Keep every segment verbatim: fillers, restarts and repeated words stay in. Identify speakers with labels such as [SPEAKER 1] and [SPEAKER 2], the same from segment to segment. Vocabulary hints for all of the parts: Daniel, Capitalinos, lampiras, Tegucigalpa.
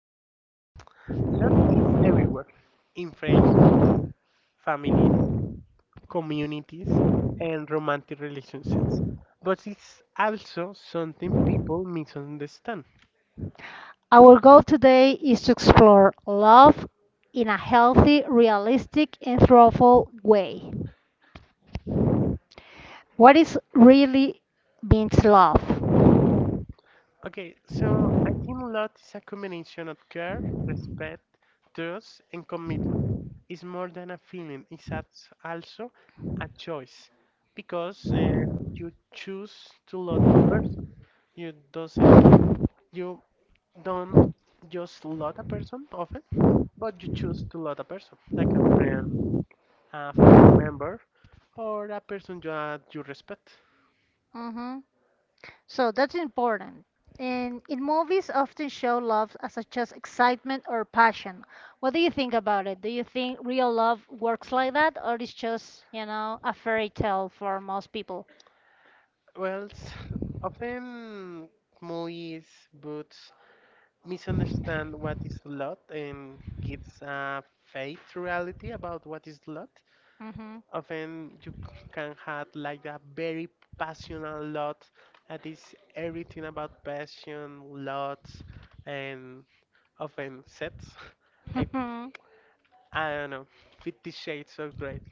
[SPEAKER 1] So, um, Love is everywhere in friendships, families, communities, and romantic relationships. But it's also something people misunderstand.
[SPEAKER 2] Our goal today is to explore love in a healthy, realistic, and thoughtful way. What is really means love?
[SPEAKER 1] Okay, so I think love is a combination of care, respect, trust, and commitment. It's more than a feeling, it's als- also a choice because uh, you choose to love a person. You doesn't you don't just love a person often, but you choose to love a person, like a friend, a family member, or a person that you respect.
[SPEAKER 2] hmm So that's important. And in movies often show love as a just excitement or passion. What do you think about it? Do you think real love works like that or it's just, you know, a fairy tale for most people?
[SPEAKER 1] Well, s- Often movies, books misunderstand what is love and gives a fake reality about what is love. Often you c- can have like a very passionate lot that is everything about passion, lots, and often sets. Like
[SPEAKER 2] Mm-hmm.
[SPEAKER 1] I don't know, Fifty Shades of Grey.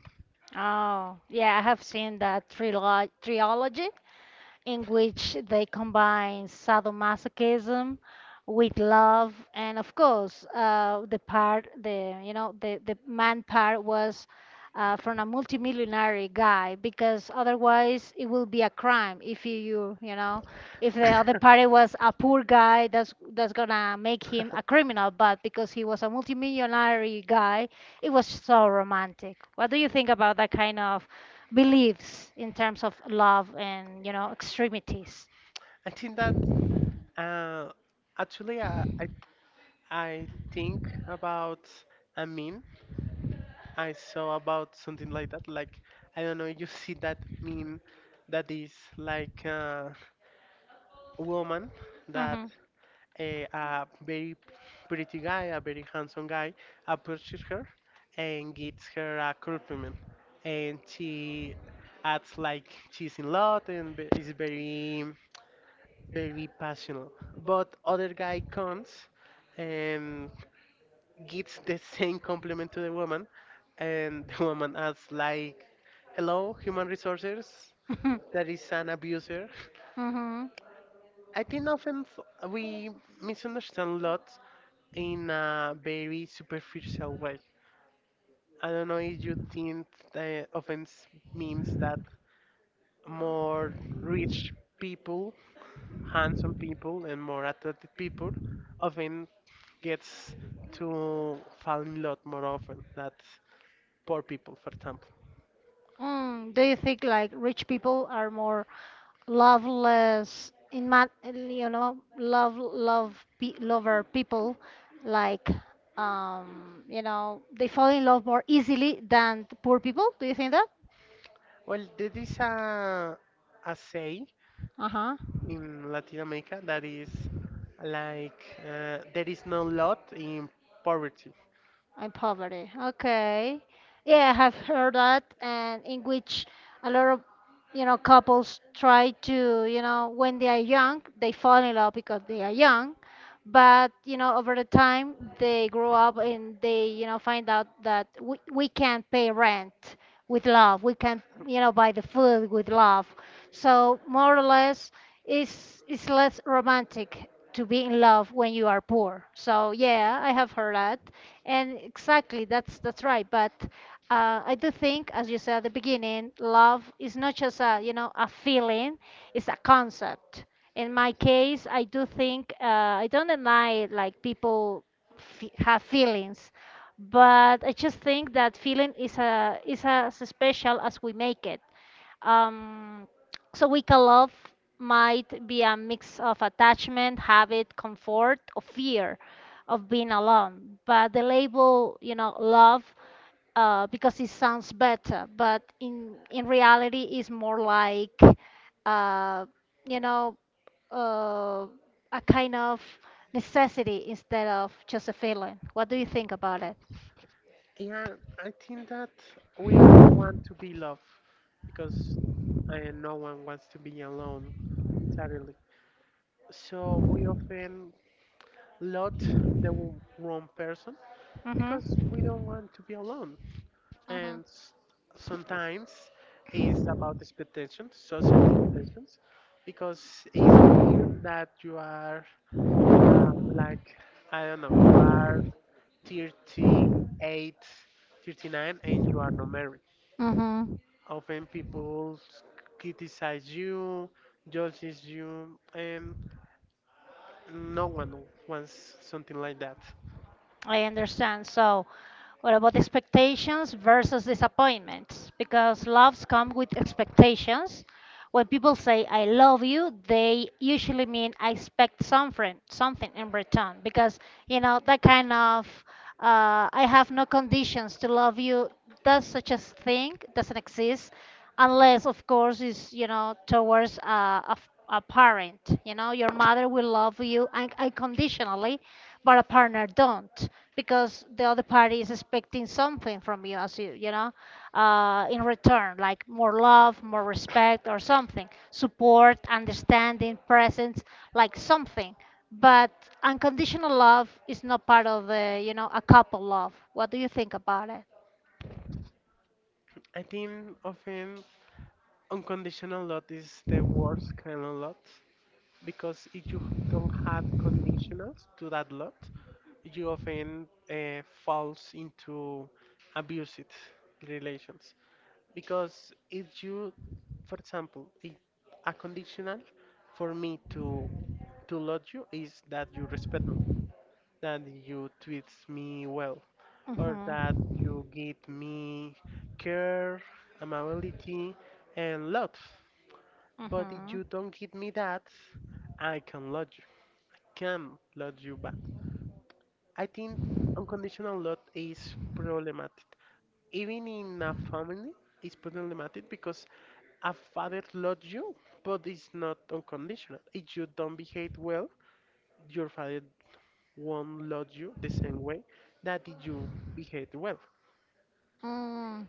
[SPEAKER 2] Oh, yeah, I have seen that trilo trilogy, in which they combine sadomasochism with love, and of course, uh, the part, the you know, the the man part was uh, from a multimillionaire guy, because otherwise it will be a crime if you you you know if the other party was a poor guy, that's that's gonna make him a criminal. But because he was a multimillionaire guy, it was so romantic. What do you think about that kind of beliefs in terms of love and, you know, extremities?
[SPEAKER 1] I think that uh, Actually, I, I I think about a meme I saw about something like that. Like I don't know, you see that meme that is like uh, a woman that
[SPEAKER 2] hmm
[SPEAKER 1] a, a very pretty guy, a very handsome guy approaches her and gives her a compliment, and she acts like she's in love and ve- is very very passionate. But other guy comes and gives the same compliment to the woman, and the woman asks like, "Hello, human resources,
[SPEAKER 2] hmm
[SPEAKER 1] that is an abuser." I think often th- we misunderstand a lot in a very superficial way. I don't know if you think the offense means that more rich people, handsome people, and more attractive people often gets to fall in love more often than poor people, for example.
[SPEAKER 2] Mm, do you think like rich people are more loveless in man, you know, love love pe lover people, like, um, you know, they fall in love more easily than the poor people? Do you think that?
[SPEAKER 1] Well, there is a a saying
[SPEAKER 2] Uh-huh.
[SPEAKER 1] in Latin America that is like uh, there is no lot in poverty.
[SPEAKER 2] In poverty. Okay. Yeah, I have heard that, and in which a lot of, you know, couples try to, you know, when they are young, they fall in love because they are young, but you know over the time they grow up and they you know find out that we, we can't pay rent with love, we can't you know buy the food with love. So more or less it's it's less romantic to be in love when you are poor. So yeah, I have heard that, and exactly that's that's right. But uh, I do think as you said at the beginning, love is not just a you know a feeling, it's a concept. In my case, I do think uh, I don't deny like people f- have feelings, but I just think that feeling is a is as special as we make it. Um, so weak love might be a mix of attachment, habit, comfort, or fear of being alone. But the label, you know, love, uh, because it sounds better, but in in reality, is more like, uh, you know uh, a kind of necessity instead of just a feeling. What do you think about it?
[SPEAKER 1] Yeah, I think that we all want to be loved because uh, no one wants to be alone entirely. So we often lot the w- wrong person because
[SPEAKER 2] Mm-hmm.
[SPEAKER 1] we don't want to be alone.
[SPEAKER 2] Mm-hmm.
[SPEAKER 1] And s- sometimes it's about expectations, social expectations, because it's weird that you are uh, like I don't know, you are thirty-eight, thirty-nine, and you are not married.
[SPEAKER 2] Mm-hmm.
[SPEAKER 1] Often people criticize you, judges you, and no one wants something like that.
[SPEAKER 2] I understand. So, what about expectations versus disappointments? Because loves come with expectations. When people say "I love you," they usually mean I expect something, something in return. Because you know that kind of uh, "I have no conditions to love you," does such a thing doesn't exist, unless of course it's you know towards a, a f- a parent. You know your mother will love you un- unconditionally, but a partner don't, because the other party is expecting something from you, as you you know uh, in return, like more love, more respect, or something, support, understanding, presence, like something. But unconditional love is not part of the you know a couple love. What do you think about it?
[SPEAKER 1] I think often unconditional love is the worst kind of love because if you don't have conditionals to that lot, you often uh, falls into abusive relations. Because if you, for example, if a conditional for me to to love you is that you respect me, that you treat me well, or that
[SPEAKER 2] Uh-huh.
[SPEAKER 1] you give me care, amability, and love. But if
[SPEAKER 2] Uh-huh.
[SPEAKER 1] you don't give me that, I can love you can love you back. I think unconditional love is problematic. Even in a family, it's problematic because a father loves you, but it's not unconditional. If you don't behave well, your father won't love you the same way that if you behave well.
[SPEAKER 2] Oh,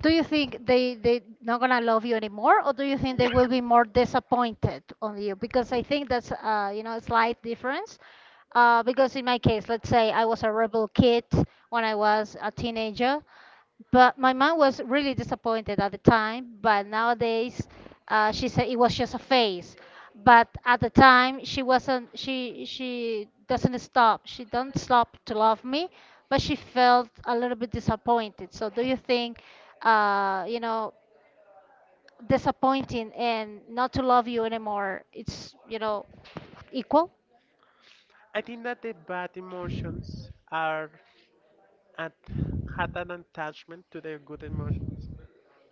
[SPEAKER 2] do you think they they not gonna love you anymore, or do you think they will be more disappointed on you? Because I think that's uh, you know a slight difference. Uh, because in my case, let's say I was a rebel kid when I was a teenager, but my mom was really disappointed at the time. But nowadays uh, she said it was just a phase, but at the time she wasn't she she doesn't stop she don't stop to love me, but she felt a little bit disappointed. So do you think, uh, you know disappointing and not to love you anymore, it's you know equal?
[SPEAKER 1] I think that the bad emotions are at, had an attachment to the good emotions.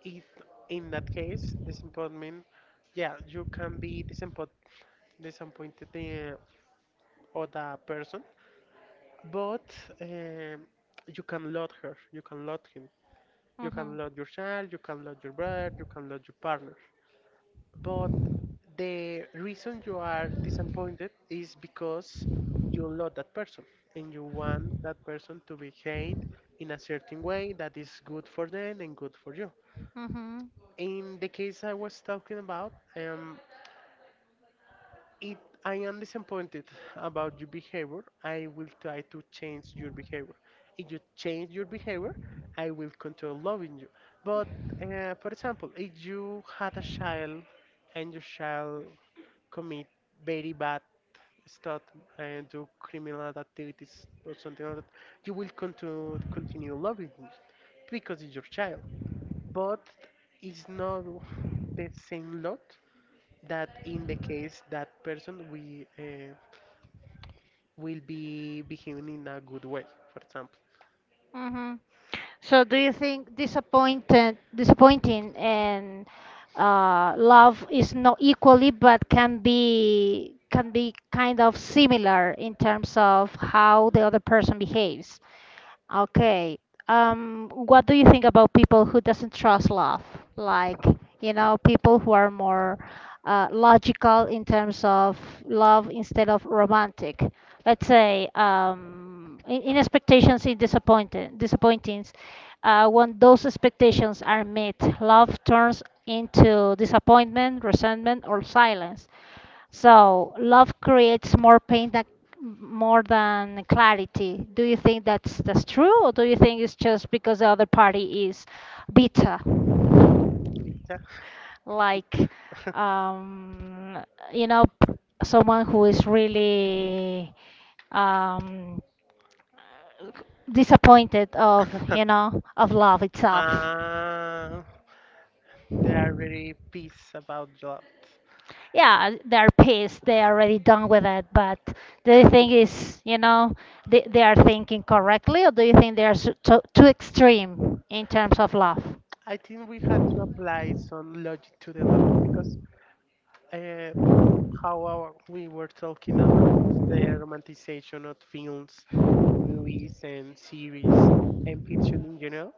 [SPEAKER 1] If in that case, disappointment, yeah, you can be disappointed disappointed the other person, but um, you can love her, you can love him, you can
[SPEAKER 2] Mm-hmm.
[SPEAKER 1] love your child, you can love your brother, you can love your partner. But the reason you are disappointed is because you love that person and you want that person to behave in a certain way that is good for them and good for you.
[SPEAKER 2] Mm-hmm.
[SPEAKER 1] In the case I was talking about, um, if I am disappointed about your behavior, I will try to change your behavior. If you change your behavior, I will control loving you. But uh, for example, if you had a child and your child commit very bad stuff and do criminal activities or something like that, you will continue continue loving him because it's your child. But it's not the same lot that in the case that person we uh, will be behaving in a good way. For example,
[SPEAKER 2] Mm-hmm. So do you think disappointed, disappointing and uh, love is not equally, but can be can be kind of similar in terms of how the other person behaves? Okay. Um, what do you think about people who doesn't trust love? Like, you know, people who are more uh, logical in terms of love instead of romantic. Let's say um, in, in expectations, in disappointing disappointings, uh, when those expectations are met, love turns into disappointment, resentment, or silence. So love creates more pain than, more than clarity. Do you think that's that's true, or do you think it's just because the other party is bitter,
[SPEAKER 1] Rita,
[SPEAKER 2] like, um, you know someone who is really, um, disappointed of you know of love itself?
[SPEAKER 1] ah, they are very peace about that.
[SPEAKER 2] Yeah, they're pissed, they are already done with it. But the thing is you know they, they are thinking correctly, or do you think they are s- too, too extreme in terms of love?
[SPEAKER 1] I think we had to apply some logic to the lot because uh, how our, we were talking about the romanticization of films, movies, and series, and fiction in general,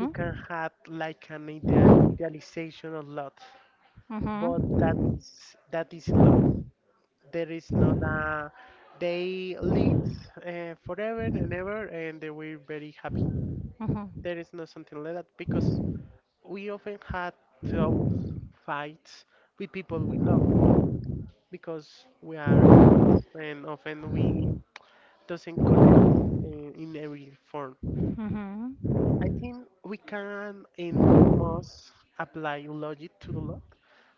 [SPEAKER 1] you can have like an idea, idealization a lot. But that
[SPEAKER 2] Mhm.
[SPEAKER 1] is that is a lot. There is not a they live uh, forever and ever, and they were very happy.
[SPEAKER 2] Mhm. Mhm.
[SPEAKER 1] There is not something like that because we often had troubles, fights with people we love because we are humans, and often we doesn't connect uh, in every form. I think we can and we must apply logic to the lot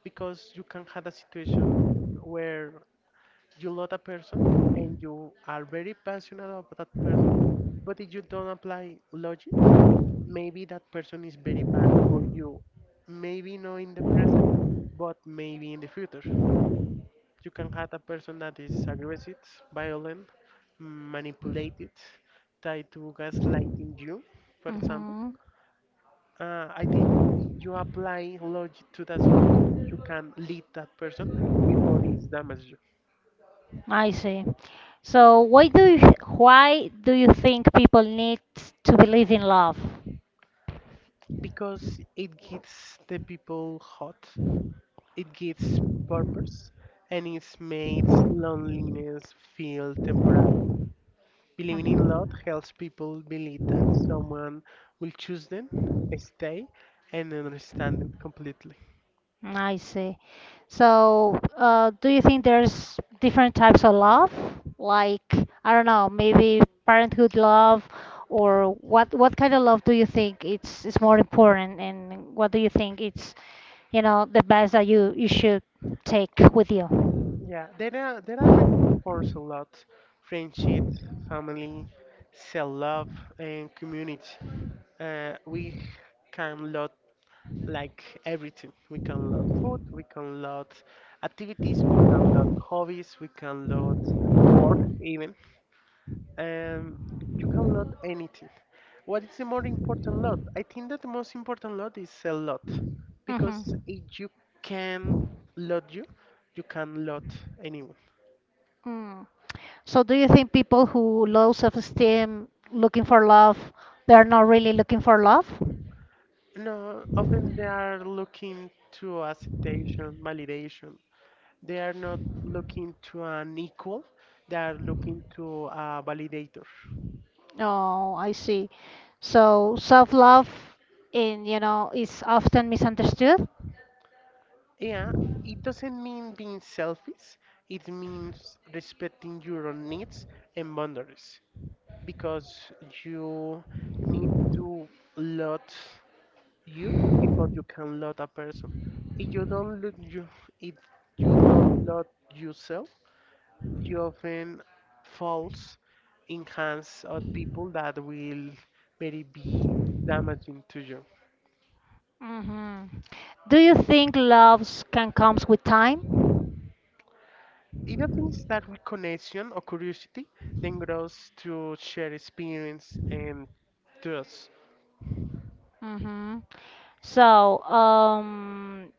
[SPEAKER 1] because you can have a situation where you love a person and you are very passionate about that person, but if you don't apply logic, maybe that person is very bad for you. Maybe not in the present, but maybe in the future. You can have a person that is aggressive, violent, manipulated, tied to gaslighting you, for example.
[SPEAKER 2] Mhm.
[SPEAKER 1] Uh, I think if you apply logic to that situation, you can lead that person before it's damaged you
[SPEAKER 2] I see. So why do you, why do you think people need to believe in love?
[SPEAKER 1] because it gets the people hot. It gives purpose and it makes loneliness feel temporary. Believing in love
[SPEAKER 2] Mhm.
[SPEAKER 1] helps people believe that someone will choose them, stay, and understand them completely.
[SPEAKER 2] Mm, I see. So, uh, do you think there's different types of love? Like, I don't know, maybe parenthood love, or what what kind of love do you think it's is more important, and what do you think it's, you know, the best that you you should take with you?
[SPEAKER 1] Yeah, there are there are many forms of love: friendship, family, self-love, and community. Uh, we can love like everything. We can load food, we can load activities, we can load hobbies, we can load work even. Um, you can load anything. What is the more important lot? I think that the most important lot is a lot
[SPEAKER 2] hmm
[SPEAKER 1] because if you can load you, you can load anyone.
[SPEAKER 2] Mm. So do you think people who low self-esteem looking for love, they're not really looking for love?
[SPEAKER 1] No, often they are looking to acceptation, validation. They are not looking to an equal. They are looking to a validator.
[SPEAKER 2] Oh, I see. So self-love in, you know, is often misunderstood.
[SPEAKER 1] Yeah, it doesn't mean being selfish. It means respecting your own needs and boundaries because you need to love you before you can love a person. If you don't love you, if you don't love yourself, you often falls in hands of people that will very be damaging to you.
[SPEAKER 2] hmm Do you think loves can comes with time?
[SPEAKER 1] It happens that with connection or curiosity, then grows to share experience and trust.
[SPEAKER 2] hmm So, um,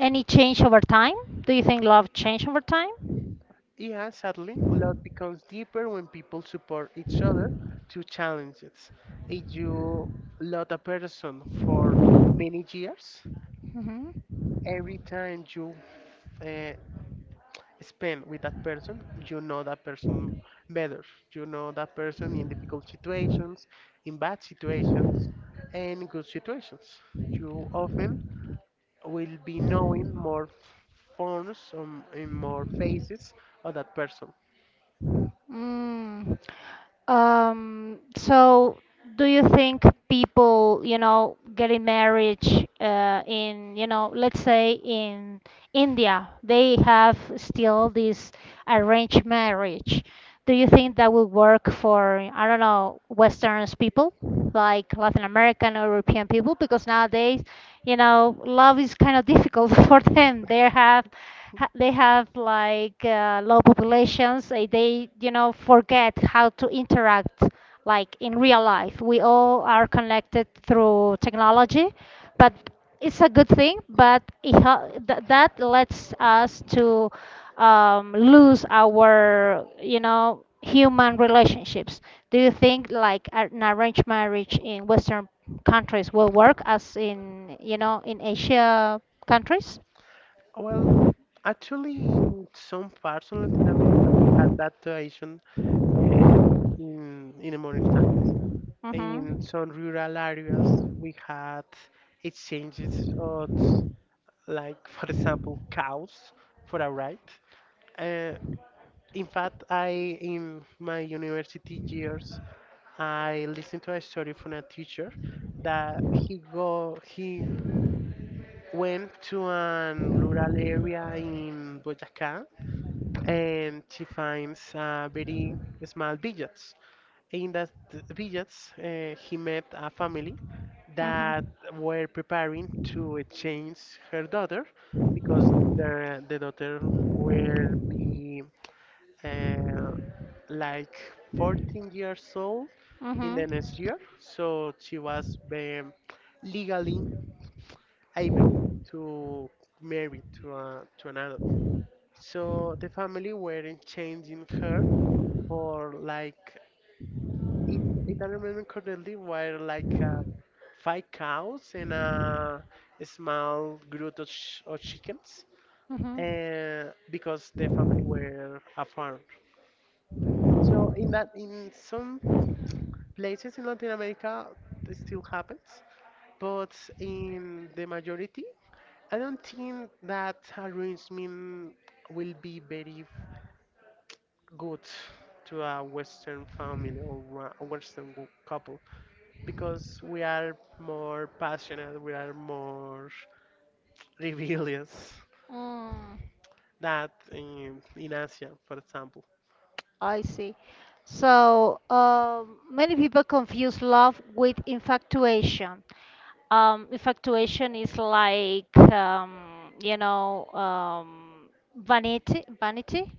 [SPEAKER 2] any change over time? Do you think love change over time?
[SPEAKER 1] Yeah, sadly, love becomes deeper when people support each other to challenges. If you love a person for many years,
[SPEAKER 2] hmm
[SPEAKER 1] every time you uh, spend with that person, you know that person better. You know that person in difficult situations, in bad situations, and good situations. You often will be knowing more f- forms um, and more faces of that person.
[SPEAKER 2] Mm. Um, so do you think people, you know, getting marriage uh, in, you know, let's say in India, they have still this arranged marriage. Do you think that will work for, I don't know, Western people, like Latin American or European people? Because nowadays, you know, love is kind of difficult for them. They have ha- they have like uh, low populations, eh, they you know forget how to interact, like in real life. We all are connected through technology, but it's a good thing, but it hel- th- that lets us to um, lose our you know human relationships. Do you think like ar- an arranged marriage in western countries will work as in you know in Asia countries?
[SPEAKER 1] Well, actually, in some parts of Latin America, we had that tradition um, in, in the modern times.
[SPEAKER 2] Hmm
[SPEAKER 1] In some rural areas, we had exchanges of, like, for example, cows for a ride. Uh, in fact, I in my university years, I listened to a story from a teacher that he go he went to an rural area in Boyacá and he finds a very small village. In that village, uh, he met a family that
[SPEAKER 2] Mhm.
[SPEAKER 1] were preparing to exchange her daughter because their the daughter will be uh, like fourteen years old in
[SPEAKER 2] Mhm.
[SPEAKER 1] the next year. So she was um, legally able to marry to, a, to an adult. So the family weren't changing her for like, it, if I remember correctly, were like uh, five cows and a small group of, ch- of chickens.
[SPEAKER 2] Mhm.
[SPEAKER 1] Uh, because the family were a farm. So in that, in some places in Latin America it still happens, but in the majority, I don't think that arrangement will be very good to a Western family or a Western wo- couple because we are more passionate, we are more rebellious
[SPEAKER 2] Mm,
[SPEAKER 1] that in, in Asia, for example.
[SPEAKER 2] I see. So, um, many people confuse love with infatuation. Um, infatuation is like um, you know um, vanity, vanity.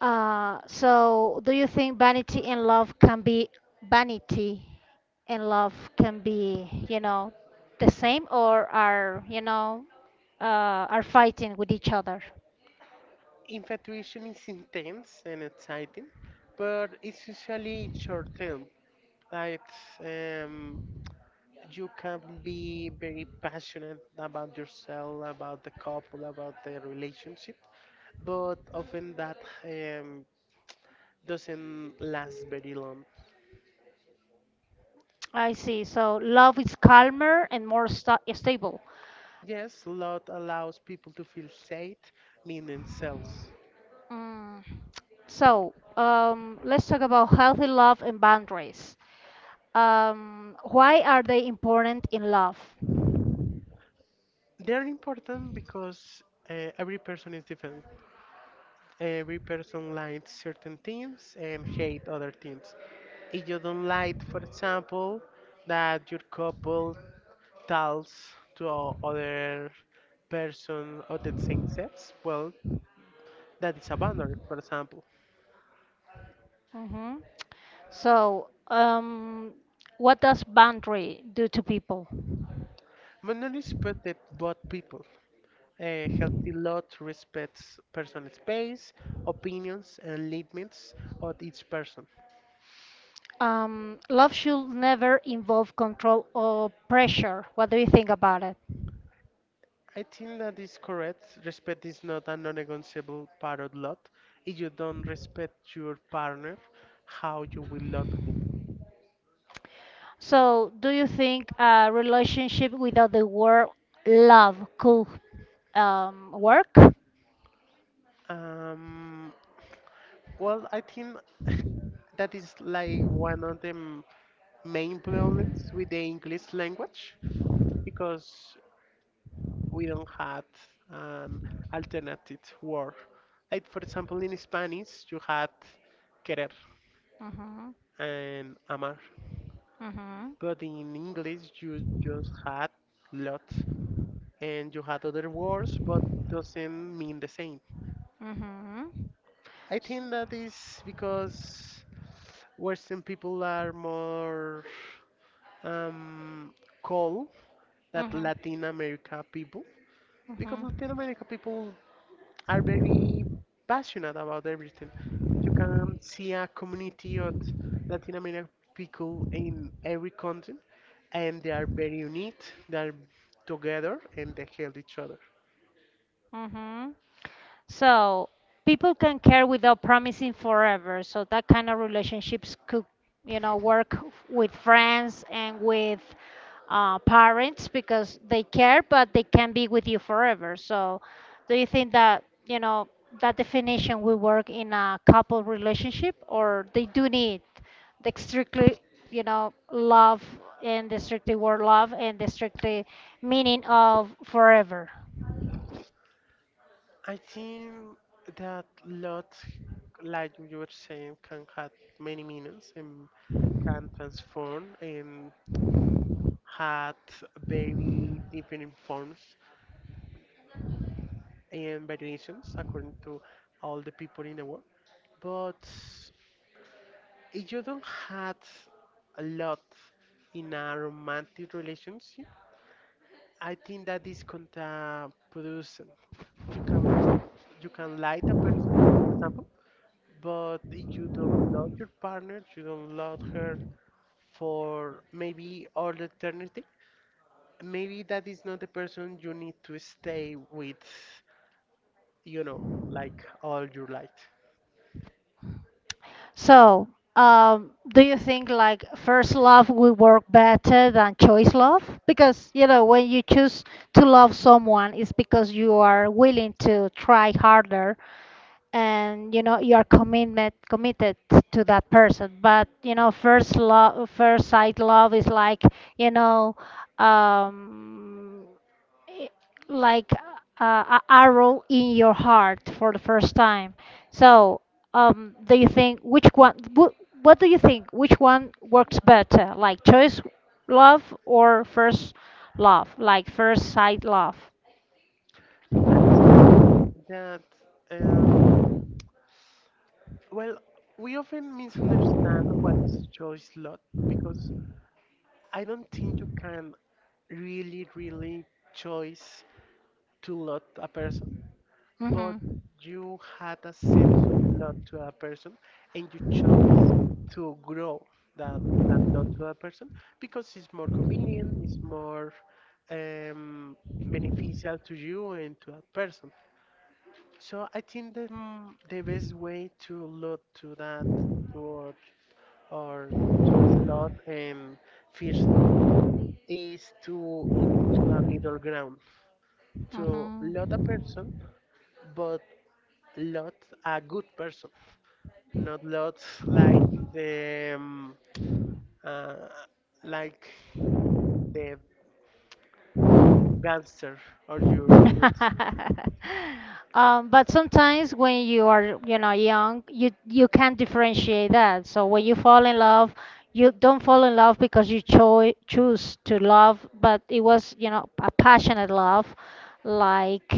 [SPEAKER 2] Uh, so do you think vanity in love can be, vanity in love can be, you know, the same, or are, you know, uh, are fighting with each other?
[SPEAKER 1] Infatuation is intense and exciting, but it's usually short term. Like um, you can be very passionate about yourself, about the couple, about the relationship, but often that um, doesn't last very long.
[SPEAKER 2] I see. So love is calmer and more sta stable.
[SPEAKER 1] Yes, love allows people to feel safe in themselves.
[SPEAKER 2] Mm. So, um, let's talk about healthy love and boundaries. Um, why are they important in love?
[SPEAKER 1] They're important because uh, every person is different. Every person likes certain things and hate other things if you don't like, for example, that your couple tells to o- other person of the same sex, well, that is a boundary, for example.
[SPEAKER 2] hmm So, um, what does boundary do to people?
[SPEAKER 1] Boundary is protect both people. A healthy lot respects personal space, opinions, and limits of each person.
[SPEAKER 2] Um, love should never involve control or pressure. What do you think about it?
[SPEAKER 1] I think that is correct. Respect is not a non-negotiable part of love. If you don't respect your partner, how you will love him?
[SPEAKER 2] So, do you think a relationship without the word love could, um, work?
[SPEAKER 1] Um, Well, I think that is like one of the m- main problems with the English language because we don't have an alternative word. Like, for example, in Spanish, you had querer
[SPEAKER 2] Hmm
[SPEAKER 1] and amar,
[SPEAKER 2] hmm
[SPEAKER 1] but in English, you just had lot and you had other words, but doesn't mean the same.
[SPEAKER 2] Mhm.
[SPEAKER 1] I think that is because Western people are more. Um, call that
[SPEAKER 2] Mhm.
[SPEAKER 1] Latin America people because
[SPEAKER 2] Mhm.
[SPEAKER 1] Latin America people are very passionate about everything. You can see a community of Latin American people in every continent, and they are very unique. They are together and they help each other.
[SPEAKER 2] Mhm. So people can care without promising forever. So that kind of relationships could, you know, work with friends and with uh, parents, because they care, but they can be with you forever. So do you think that, you know, that definition will work in a couple relationship, or they do need the strictly, you know, love, and the strictly word love, and the strictly meaning of forever?
[SPEAKER 1] I think that lot, like you were saying, can have many meanings and can transform and had very different forms and variations according to all the people in the world. But if you don't have a lot in a romantic relationship, I think that is counterproducent. You can love, you can like a person, for example, but if you don't love your partner, you don't love her for maybe all eternity. Maybe that is not the person you need to stay with you know, like all your life.
[SPEAKER 2] So, um, do you think like first love will work better than choice love? Because, you know, when you choose to love someone, it's because you are willing to try harder, and you know you're commitment committed to that person. But you know first love, first sight love is like, you know um i- like uh, a arrow in your heart for the first time. So um do you think which one, wh- what do you think which one works better, like choice love or first love, like first sight love?
[SPEAKER 1] I think that, um, well, we often misunderstand what is choice lot because I don't think you can really, really choice to lot a person, but
[SPEAKER 2] Mm-hmm.
[SPEAKER 1] you had a sense of lot to
[SPEAKER 2] a
[SPEAKER 1] a person and you chose to grow that that lot to a person because it's more convenient, it's more um, beneficial to you and to that person. So I think the mm, the best way to look to that or or toy slot and fish slot is to look to a middle ground. To lot a person,
[SPEAKER 2] Mm-hmm.
[SPEAKER 1] but lot a good person, not lots like the um, uh, like the gangster or your
[SPEAKER 2] your
[SPEAKER 1] hood.
[SPEAKER 2] Um, but sometimes when you are, you know, young, you you can't differentiate that. So when you fall in love, you don't fall in love because you cho choose to love, but it was, you know, a passionate love, like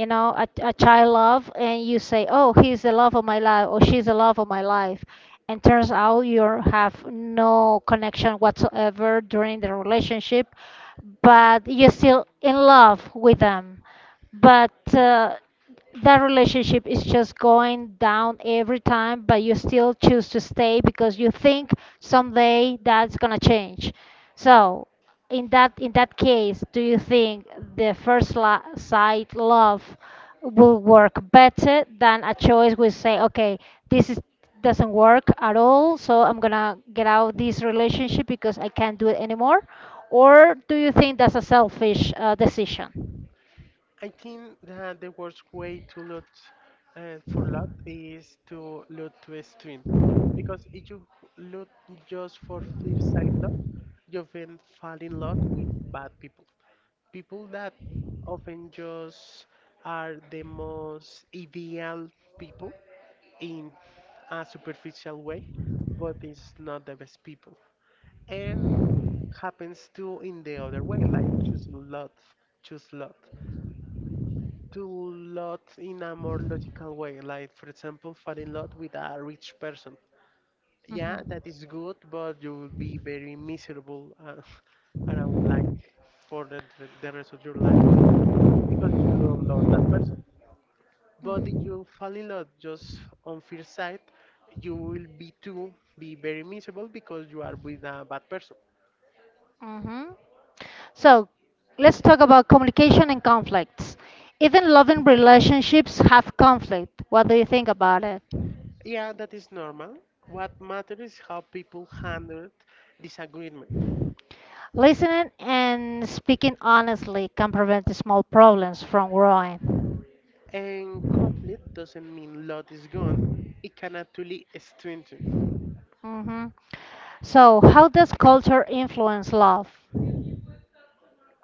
[SPEAKER 2] you know a, a child love, and you say oh he's the love of my life or she's the love of my life, and turns out you have no connection whatsoever during the relationship, but you're still in love with them. But uh, that relationship is just going down every time, but you still choose to stay because you think someday that's gonna change. So in that in that case, do you think the first la- sight love will work better than a choice? We say, okay, this is doesn't work at all, so I'm gonna get out this relationship because I can't do it anymore? Or do you think that's a selfish uh, decision?
[SPEAKER 1] I think that the worst way to loot uh, for loot is to loot to stream. Because if you loot just for fifth side loot, you often fall in love with bad people. People that often just are the most ideal people in a superficial way, but it's not the best people. And happens too in the other way, like choosing love, choose love to love in a more logical way. Like, for example, fall in love with a rich person. Yeah,
[SPEAKER 2] Mhm.
[SPEAKER 1] that is good, but you will be very miserable uh, around like for the, the rest of your life because you don't love that person. But if you fall in love just on first sight, you will be too be very miserable because you are with a bad person.
[SPEAKER 2] hmm So let's talk about communication and conflicts. Even loving relationships have conflict. What do you think about it?
[SPEAKER 1] Yeah, that is normal. What matters is how people handle disagreement.
[SPEAKER 2] Listening and speaking honestly can prevent the small problems from growing.
[SPEAKER 1] And complete doesn't mean love is gone, it can actually strengthen.
[SPEAKER 2] hmm So, how does culture influence love?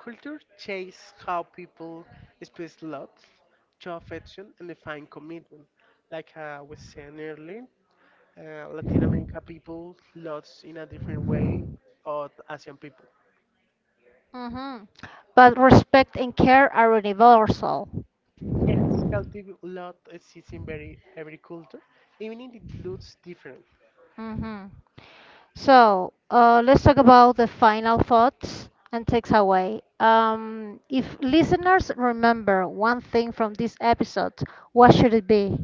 [SPEAKER 1] Culture changes how people express love, show affection, and define commitment. Like I was saying earlier, uh, Latin America people loves in a different way or Asian people.
[SPEAKER 2] hmm But respect and care are universal.
[SPEAKER 1] Yes, healthy love exists in very every culture, even if it looks different.
[SPEAKER 2] hmm So uh, let's talk about the final thoughts and takes away. Um, if listeners remember one thing from this episode, what should it be?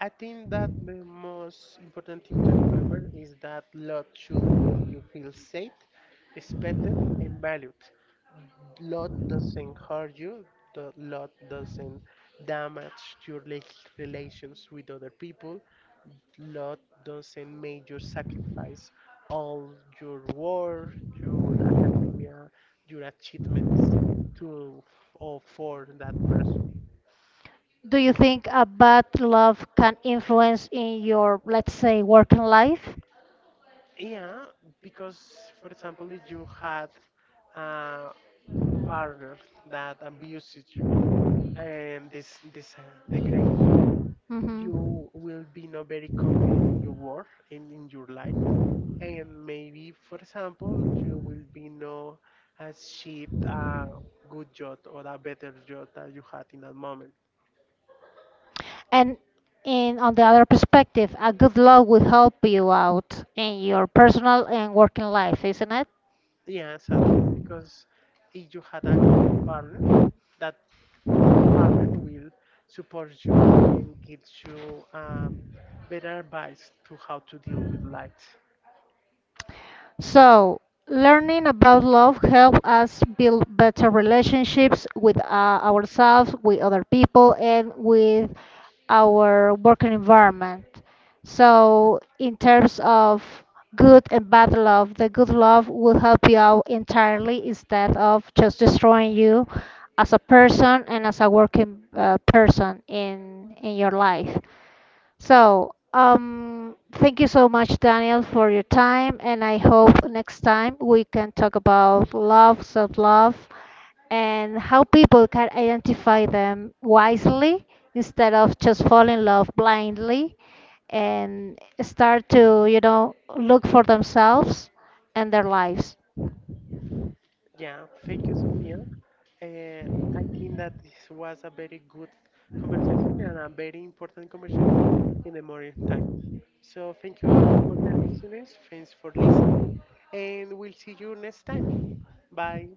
[SPEAKER 1] I think that the most important thing to remember is that love should make you feel safe, respected, and valued. Love doesn't hurt you, the love doesn't damage your rela- relations with other people, love doesn't make you sacrifice all your work, your academia, your achievements to or for that person.
[SPEAKER 2] Do you think a bad love can influence in your, let's say, working life?
[SPEAKER 1] Yeah, because for example, if you had a partner that abuses you and this this uh, degrades you,
[SPEAKER 2] You
[SPEAKER 1] you
[SPEAKER 2] hmm
[SPEAKER 1] will be not very confident in your work and in your life, and maybe, for example, you will be not achieve a good job or a better job that you had in that moment.
[SPEAKER 2] And in on the other perspective, a good law will help you out in your personal and working life, isn't it?
[SPEAKER 1] Yeah, sadly, because if you had a good partner that partner will support you and gives you um, better advice to how to deal with light.
[SPEAKER 2] So, learning about love helps us build better relationships with uh, ourselves, with other people, and with our working environment. So, in terms of good and bad love, the good love will help you out entirely, instead of just destroying you as a person and as a working uh, person in in your life. So, um, thank you so much, Daniel, for your time, and I hope next time we can talk about love, self-love, and how people can identify them wisely, instead of just falling in love blindly, and start to, you know, look for themselves and their lives.
[SPEAKER 1] Yeah, thank you, Sophia. Uh, I think that this was a very good conversation and a very important conversation in the morning time. So thank you all for the listeners. Thanks for listening, and we'll see you next time. Bye.